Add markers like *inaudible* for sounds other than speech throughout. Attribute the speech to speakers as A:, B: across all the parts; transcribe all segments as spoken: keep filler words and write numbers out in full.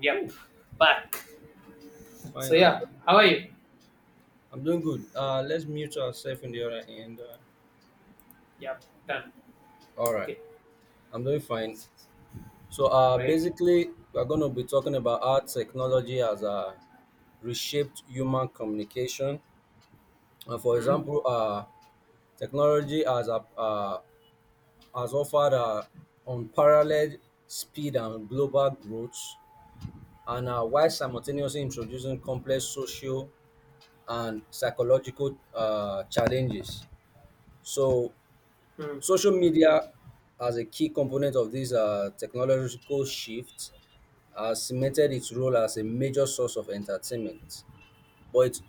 A: Yep.
B: Whew,
A: Back. So
B: finally,
A: yeah, how are you?
B: I'm doing good. Uh, let's mute ourselves in the other end. Uh,
A: Yep. Done.
B: all right,
A: Okay.
B: I'm doing fine. So, uh,
A: Right.
B: basically, we're going to be talking about how technology has uh, reshaped human communication. Uh, for
A: Hmm.
B: example, uh, technology has uh, uh, has offered uh, unparalleled speed and global growth, and uh, while simultaneously introducing complex social and psychological uh, challenges. So
A: Hmm.
B: Social media, as a key component of this uh, technological shift, has cemented its role as a major source of entertainment, but it,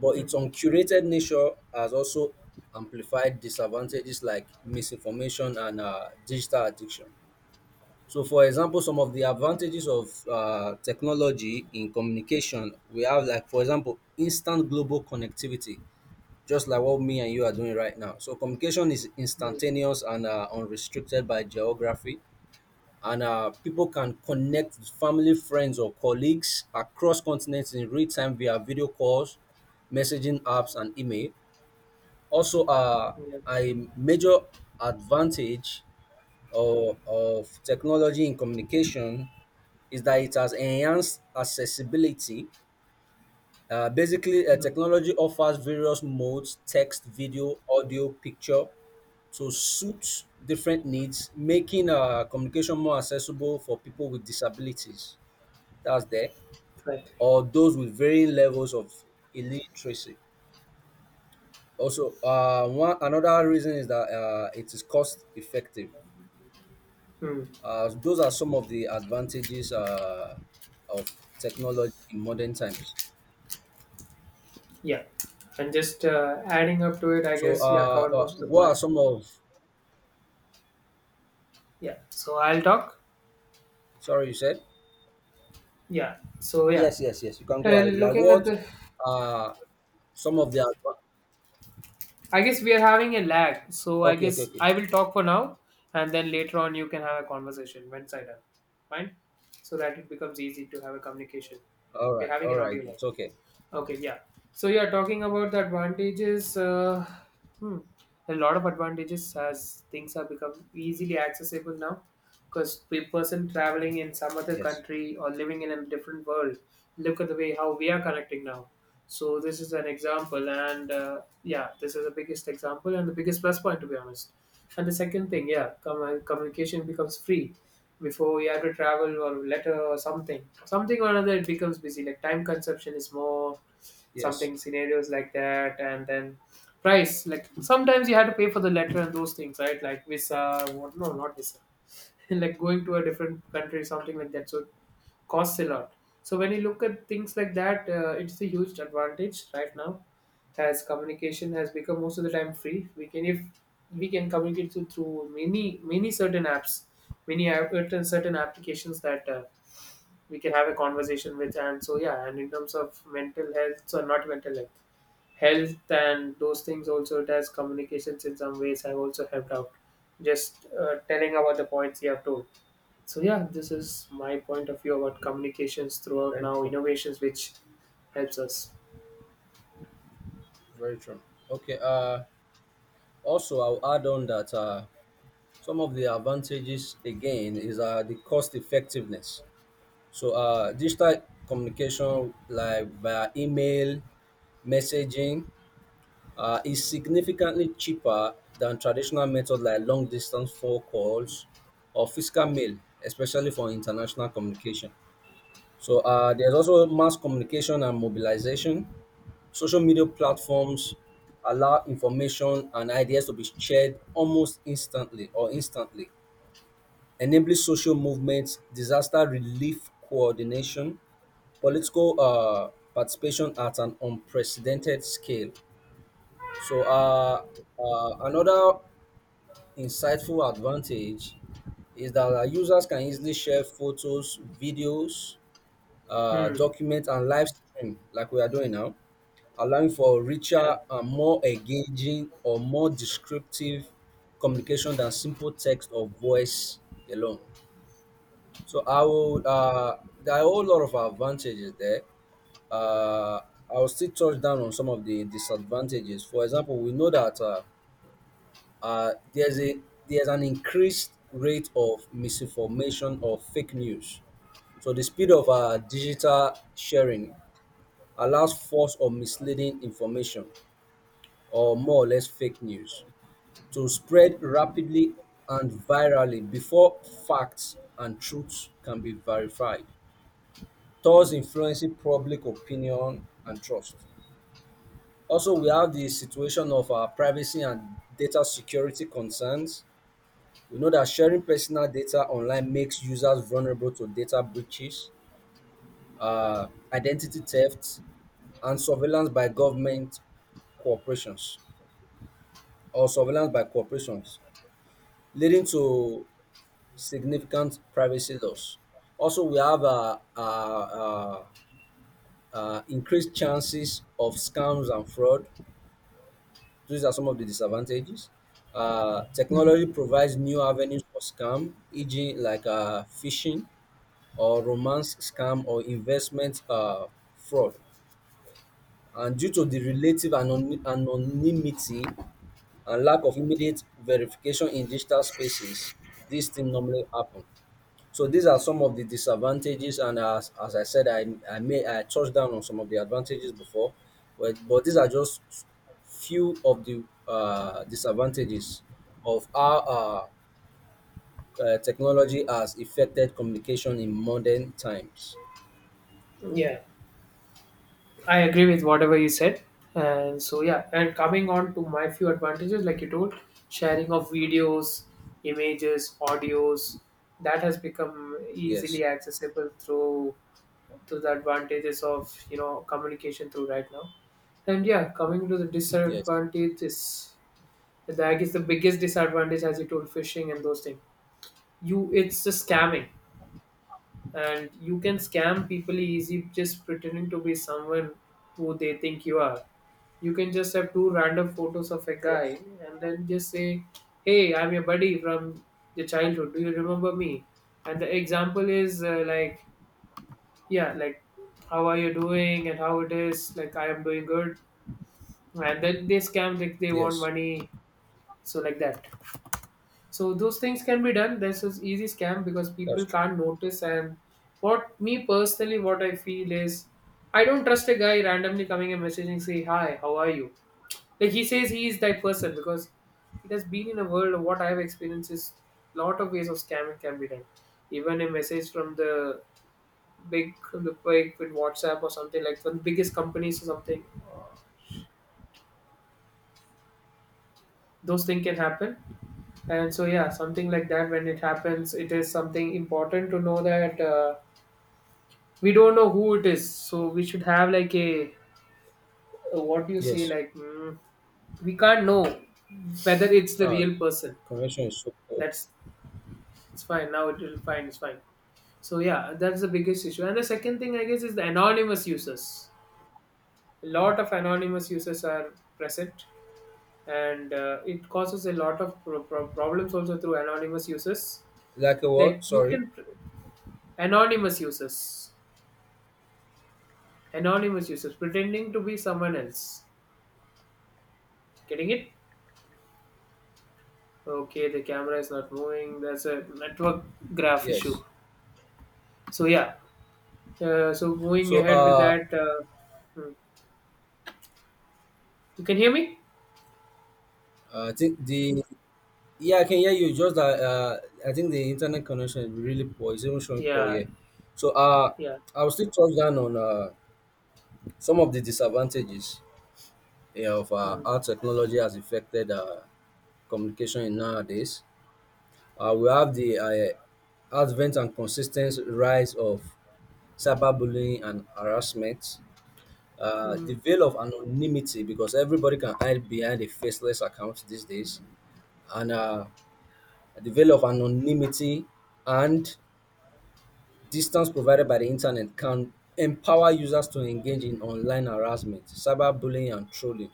B: but
A: Hmm.
B: its uncurated nature has also amplified disadvantages like misinformation and uh, digital addiction. So, for example, some of the advantages of uh, technology in communication, we have like, for example, instant global connectivity just like what me and you are doing right now. So communication is
A: Hmm.
B: instantaneous and uh, unrestricted by geography, and uh, people can connect with family, friends, or colleagues across continents in real time via video calls, messaging apps, and email. Also, uh,
A: Yeah.
B: a major advantage of, of technology in communication is that it has enhanced accessibility. Uh, basically, uh,
A: Hmm.
B: technology offers various modes text, video, audio, picture to suit different needs, making uh, communication more accessible for people with disabilities. That's there,
A: Right.
B: or those with varying levels of illiteracy. Also, uh, one another reason is that uh, it is cost effective.
A: Hmm.
B: Uh, those are some of the advantages uh, of technology in modern times.
A: Yeah. And just uh, adding up to it, I
B: So,
A: guess yeah,
B: uh,
A: covered
B: uh,
A: most of the
B: what are
A: points.
B: some of?
A: Yeah. So I'll talk.
B: Sorry, you said.
A: Yeah. So yeah.
B: Yes, yes, yes. You can go ahead.
A: Uh,
B: Like
A: looking at
B: what
A: the,
B: uh some of the adva-
A: I guess we are having a lag. So I
B: okay, okay,
A: guess
B: okay.
A: I will talk for now, and then later on you can have a conversation once I done. Fine. So that it becomes easy to have a communication.
B: All
A: We
B: right,
A: are having
B: all
A: an
B: right,
A: audio lag.
B: it's okay.
A: Okay, yeah. So you are talking about the advantages, uh, hmm, a lot of advantages as things have become easily accessible now. Because a person traveling in some other
B: Yes,
A: country or living in a different world, look at the way how we are connecting now. So this is an example, and uh, yeah, this is the biggest example and the biggest plus point to be honest. And the second thing, yeah, com- communication becomes free. Before you had to travel or letter or something, something or another, it becomes busy. Like time consumption is more,
B: yes.
A: something scenarios like that. And then price, like sometimes you had to pay for the letter and those things, right? Like visa, what, no, not visa *laughs* like going to a different country, something like that. So it costs a lot. So when you look at things like that, uh, it's a huge advantage right now, as communication has become most of the time free. We can, if we can communicate through, through many many certain apps, many app, certain certain applications that uh, we can have a conversation with. And so yeah, and in terms of mental health, so not mental health, health and those things also, it has communications in some ways have also helped out, just uh, telling about the points you have told. So yeah, this is my point of view about communications throughout,
B: Very
A: now
B: true.
A: innovations which helps us.
B: Very true. Okay, uh also I'll add on that uh some of the advantages again is uh the cost effectiveness. So uh digital communication like via email, messaging uh, is significantly cheaper than traditional methods like long distance phone calls or physical mail, especially for international communication. So uh, there's also mass communication and mobilization. Social media platforms allow information and ideas to be shared almost instantly or instantly, enabling social movements, disaster relief coordination, political uh, participation at an unprecedented scale. So uh, uh, another insightful advantage is that our users can easily share photos, videos, uh,
A: Hmm.
B: documents, and live stream like we are doing now, allowing for
A: Yeah.
B: richer and more engaging or more descriptive communication than simple text or voice alone. So I will. Uh, there are a whole lot of advantages there. uh, I'll still touch down on some of the disadvantages. For example, we know that uh, uh, there's a there's an increased rate of misinformation or fake news. So the speed of uh, digital sharing allows false or misleading information or more or less fake news to spread rapidly and virally before facts and truths can be verified, thus influencing public opinion and trust. Also, we have the situation of our privacy and data security concerns. We know that sharing personal data online makes users vulnerable to data breaches, uh, identity theft, and surveillance by government corporations or surveillance by corporations, leading to significant privacy loss. Also, we have uh, uh, uh, uh, increased chances of scams and fraud. These are some of the disadvantages. Uh,
A: Hmm.
B: technology provides new avenues for scam, for example, like uh, phishing or romance scam or investment um fraud. And due to the relative anony anonymity and lack of immediate verification in digital spaces, these things normally happen. So these are some of the disadvantages, and as, as I said, I I may I touched down on some of the advantages before, but but these are just few of the uh, disadvantages of how uh, uh, technology has affected communication in modern times.
A: Yeah, I agree with whatever you said. And so yeah, and coming on to my few advantages, like you told, sharing of videos, images, audios, that has become
B: Yes.
A: easily accessible through, to the advantages of you know communication through right now. And yeah, coming to the
B: Yes,
A: disadvantages, the, I guess the biggest disadvantage, as you told, phishing and those things, you, it's just scamming, and you can scam people easy, just pretending to be someone who they think you are. You can just have two random photos of a
B: yes,
A: guy and then just say, hey, I'm your buddy from your childhood, do you remember me? And the example is uh, like, yeah, like, how are you doing and how it is, like I am doing good, and then they scam, like they want
B: yes,
A: money. So like that. So those things can be done. This is easy scam because
B: that's
A: people
B: true.
A: can't notice. And what me personally, what I feel is, I don't trust a guy randomly coming and messaging, say, hi, how are you, like he says he is that person. Because it has been in a world of what I have experienced, is lot of ways of scamming can be done. Even a message from the big, like with WhatsApp or something, like for the biggest companies or something. Those things can happen, and so yeah, something like that. When it happens, it is something important to know that uh, we don't know who it is, so we should have like a, a what do you say,
B: Yes,
A: like, mm, we can't know whether it's the
B: uh,
A: real person.
B: convention is so poor.
A: That's, it's fine now. It will fine. It's fine. So yeah, that's the biggest issue. And the second thing I guess is the anonymous users. A lot of anonymous users are present, and uh, it causes a lot of pro- pro- problems also through anonymous users.
B: Like a
A: like
B: what?
A: you
B: Sorry.
A: can pr- Anonymous users, anonymous users pretending to be someone else. Getting it, okay, the camera is not moving, that's a network graph
B: Yes.
A: issue. So yeah, uh, so going
B: So,
A: ahead with
B: uh,
A: that, uh, hmm. you can hear me?
B: I think the yeah, I can hear you. Just that, uh, I think the internet connection is really poor. It's even showing poor
A: Yeah,
B: here. So, uh,
A: yeah.
B: I'll still touch down on uh some of the disadvantages, yeah, of uh,
A: Mm.
B: how technology has affected uh communication in nowadays. Uh, we have the uh, advent and consistent rise of cyberbullying and harassment. Uh, the
A: Mm.
B: veil of anonymity, because everybody can hide behind a faceless account these days, and uh, the veil of anonymity and distance provided by the internet can empower users to engage in online harassment, cyberbullying, and trolling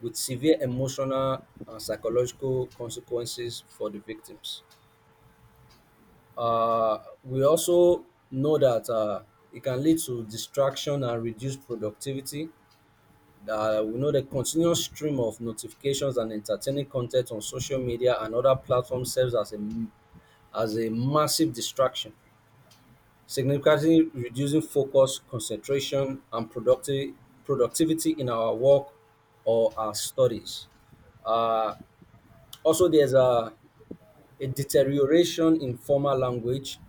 B: with severe emotional and psychological consequences for the victims. Uh, we also know that uh, it can lead to distraction and reduced productivity. Uh, we know the continuous stream of notifications and entertaining content on social media and other platforms serves as a m- as a massive distraction, significantly reducing focus, concentration, and productive, productivity in our work or our studies. Uh, also, there's a, a deterioration in formal language.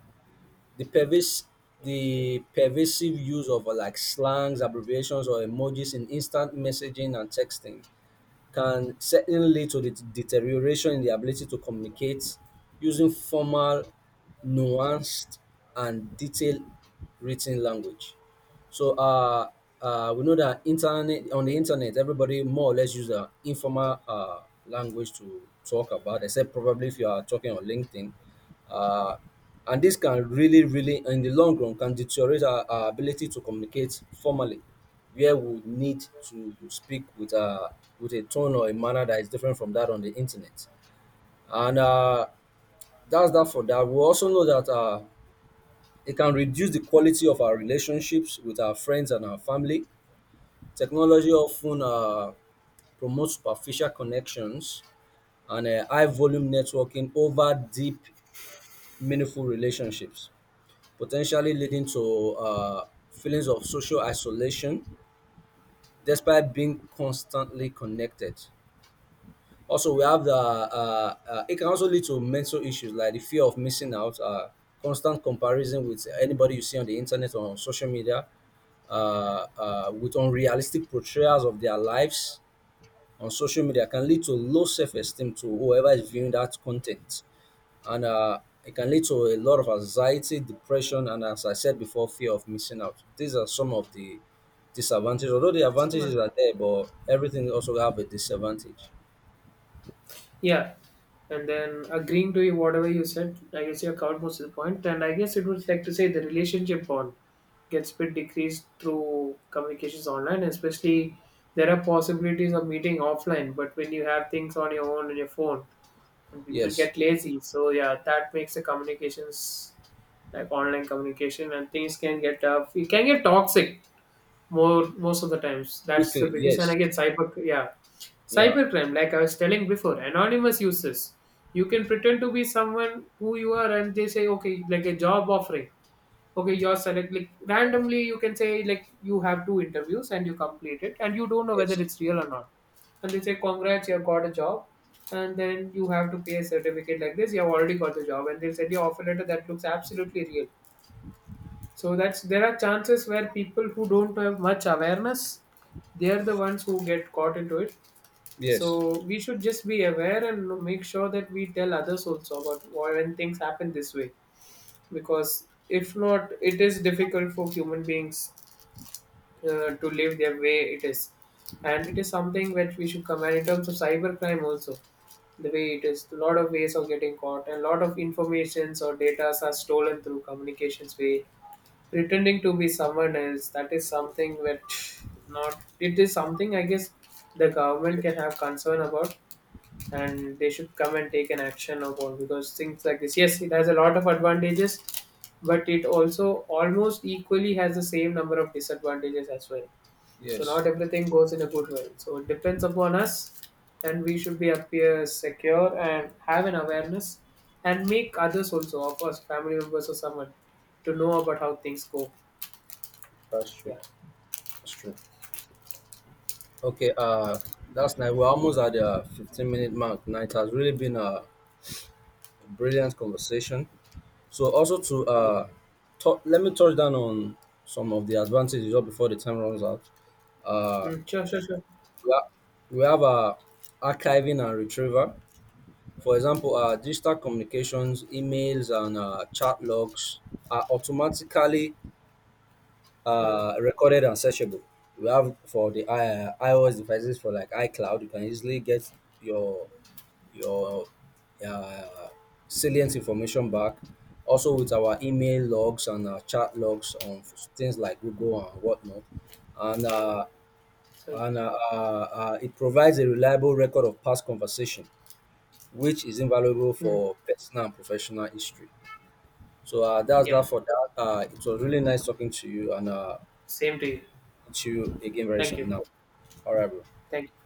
B: The pervasive the pervasive use of uh, like slangs, abbreviations, or emojis in instant messaging and texting can certainly lead to the deterioration in the ability to communicate using formal, nuanced, and detailed written language. So uh, uh, we know that internet on the internet, everybody more or less use an informal uh, language to talk about, except probably if you are talking on LinkedIn. Uh, and this can really, really, in the long run, can deteriorate our, our ability to communicate formally where we need to speak with a with a tone or a manner that is different from that on the internet. And uh, that's that for that. We also know that uh, it can reduce the quality of our relationships with our friends and our family. Technology often uh, promotes superficial connections and uh, high volume networking over deep, meaningful relationships, potentially leading to uh, feelings of social isolation despite being constantly connected. Also, we have the uh, uh, it can also lead to mental issues like the fear of missing out, uh, constant comparison with anybody you see on the internet or on social media, uh, uh, with unrealistic portrayals of their lives on social media can lead to low self-esteem to whoever is viewing that content, and uh, it can lead to a lot of anxiety, depression, and as I said before, fear of missing out. These are some of the disadvantages. Although the advantages
A: Someone,
B: are there, but everything also have a disadvantage.
A: yeah, and then agreeing to you whatever you said, I guess you have covered most of the point. And I guess it would like to say the relationship bond gets bit decreased through communications online, especially there are possibilities of meeting offline, but when you have things on your own in your phone and people
B: Yes.
A: get lazy, so yeah, that makes the communications like online communication, and things can get tough. It can get toxic more most of the times. That's the
B: Quickly,
A: biggest, and I
B: yes.
A: get cyber, yeah,
B: Yeah.
A: cybercrime, like I was telling before, anonymous uses. You can pretend to be someone who you are, and they say, okay, like a job offering. Okay, you're select like randomly. You can say like you have two interviews and you complete it, and you don't know whether
B: Yes.
A: it's real or not. And they say, congrats, you have got a job, and then you have to pay a certificate like this. You have already got the job, and they'll send you offer letter that looks absolutely real. So that's, there are chances where people who don't have much awareness, they are the ones who get caught into it.
B: Yes.
A: So we should just be aware and make sure that we tell others also about why, when things happen this way, because if not, it is difficult for human beings uh, to live their way it is, and it is something that we should command in terms of cybercrime also. The way it is, a lot of ways of getting caught, and a lot of informations or data are stolen through communications way, pretending to be someone else. That is something that, not, it is something I guess the government
B: Yes.
A: can have concern about, and they should come and take an action upon. Because things like this, yes, it has a lot of advantages, but it also almost equally has the same number of disadvantages as well. So
B: Yes.
A: not everything goes in a good way, so it depends upon us, and we should be appear secure and have an awareness, and make others also, of course, family members or someone, to know about how things go.
B: That's true.
A: Yeah,
B: That's true. Okay, uh that's nice. We're almost at the fifteen minute mark now. It has really been a brilliant conversation. So also to
A: yeah.
B: uh tou- let me touch down on some of the advantages just before the time runs out. Uh
A: Mm, sure, sure, sure.
B: we ha- we have uh archiving and retrieval. For example, uh digital communications, emails, and uh chat logs are automatically
A: Mm.
B: uh recorded and searchable. We have for the uh, iOS devices, for like iCloud, you can easily get your your uh, salient information back, also with our email logs and our chat logs on things like Google and whatnot. and uh,
A: Sorry.
B: and uh, uh, uh, it provides a reliable record of past conversation, which is invaluable
A: Mm.
B: for personal and professional history. So uh, that's that
A: Yep,
B: for that. Uh, it was really nice talking to you, and uh,
A: same to you.
B: into a game
A: Thank
B: version.
A: you.
B: No. All right, bro.
A: Thank you.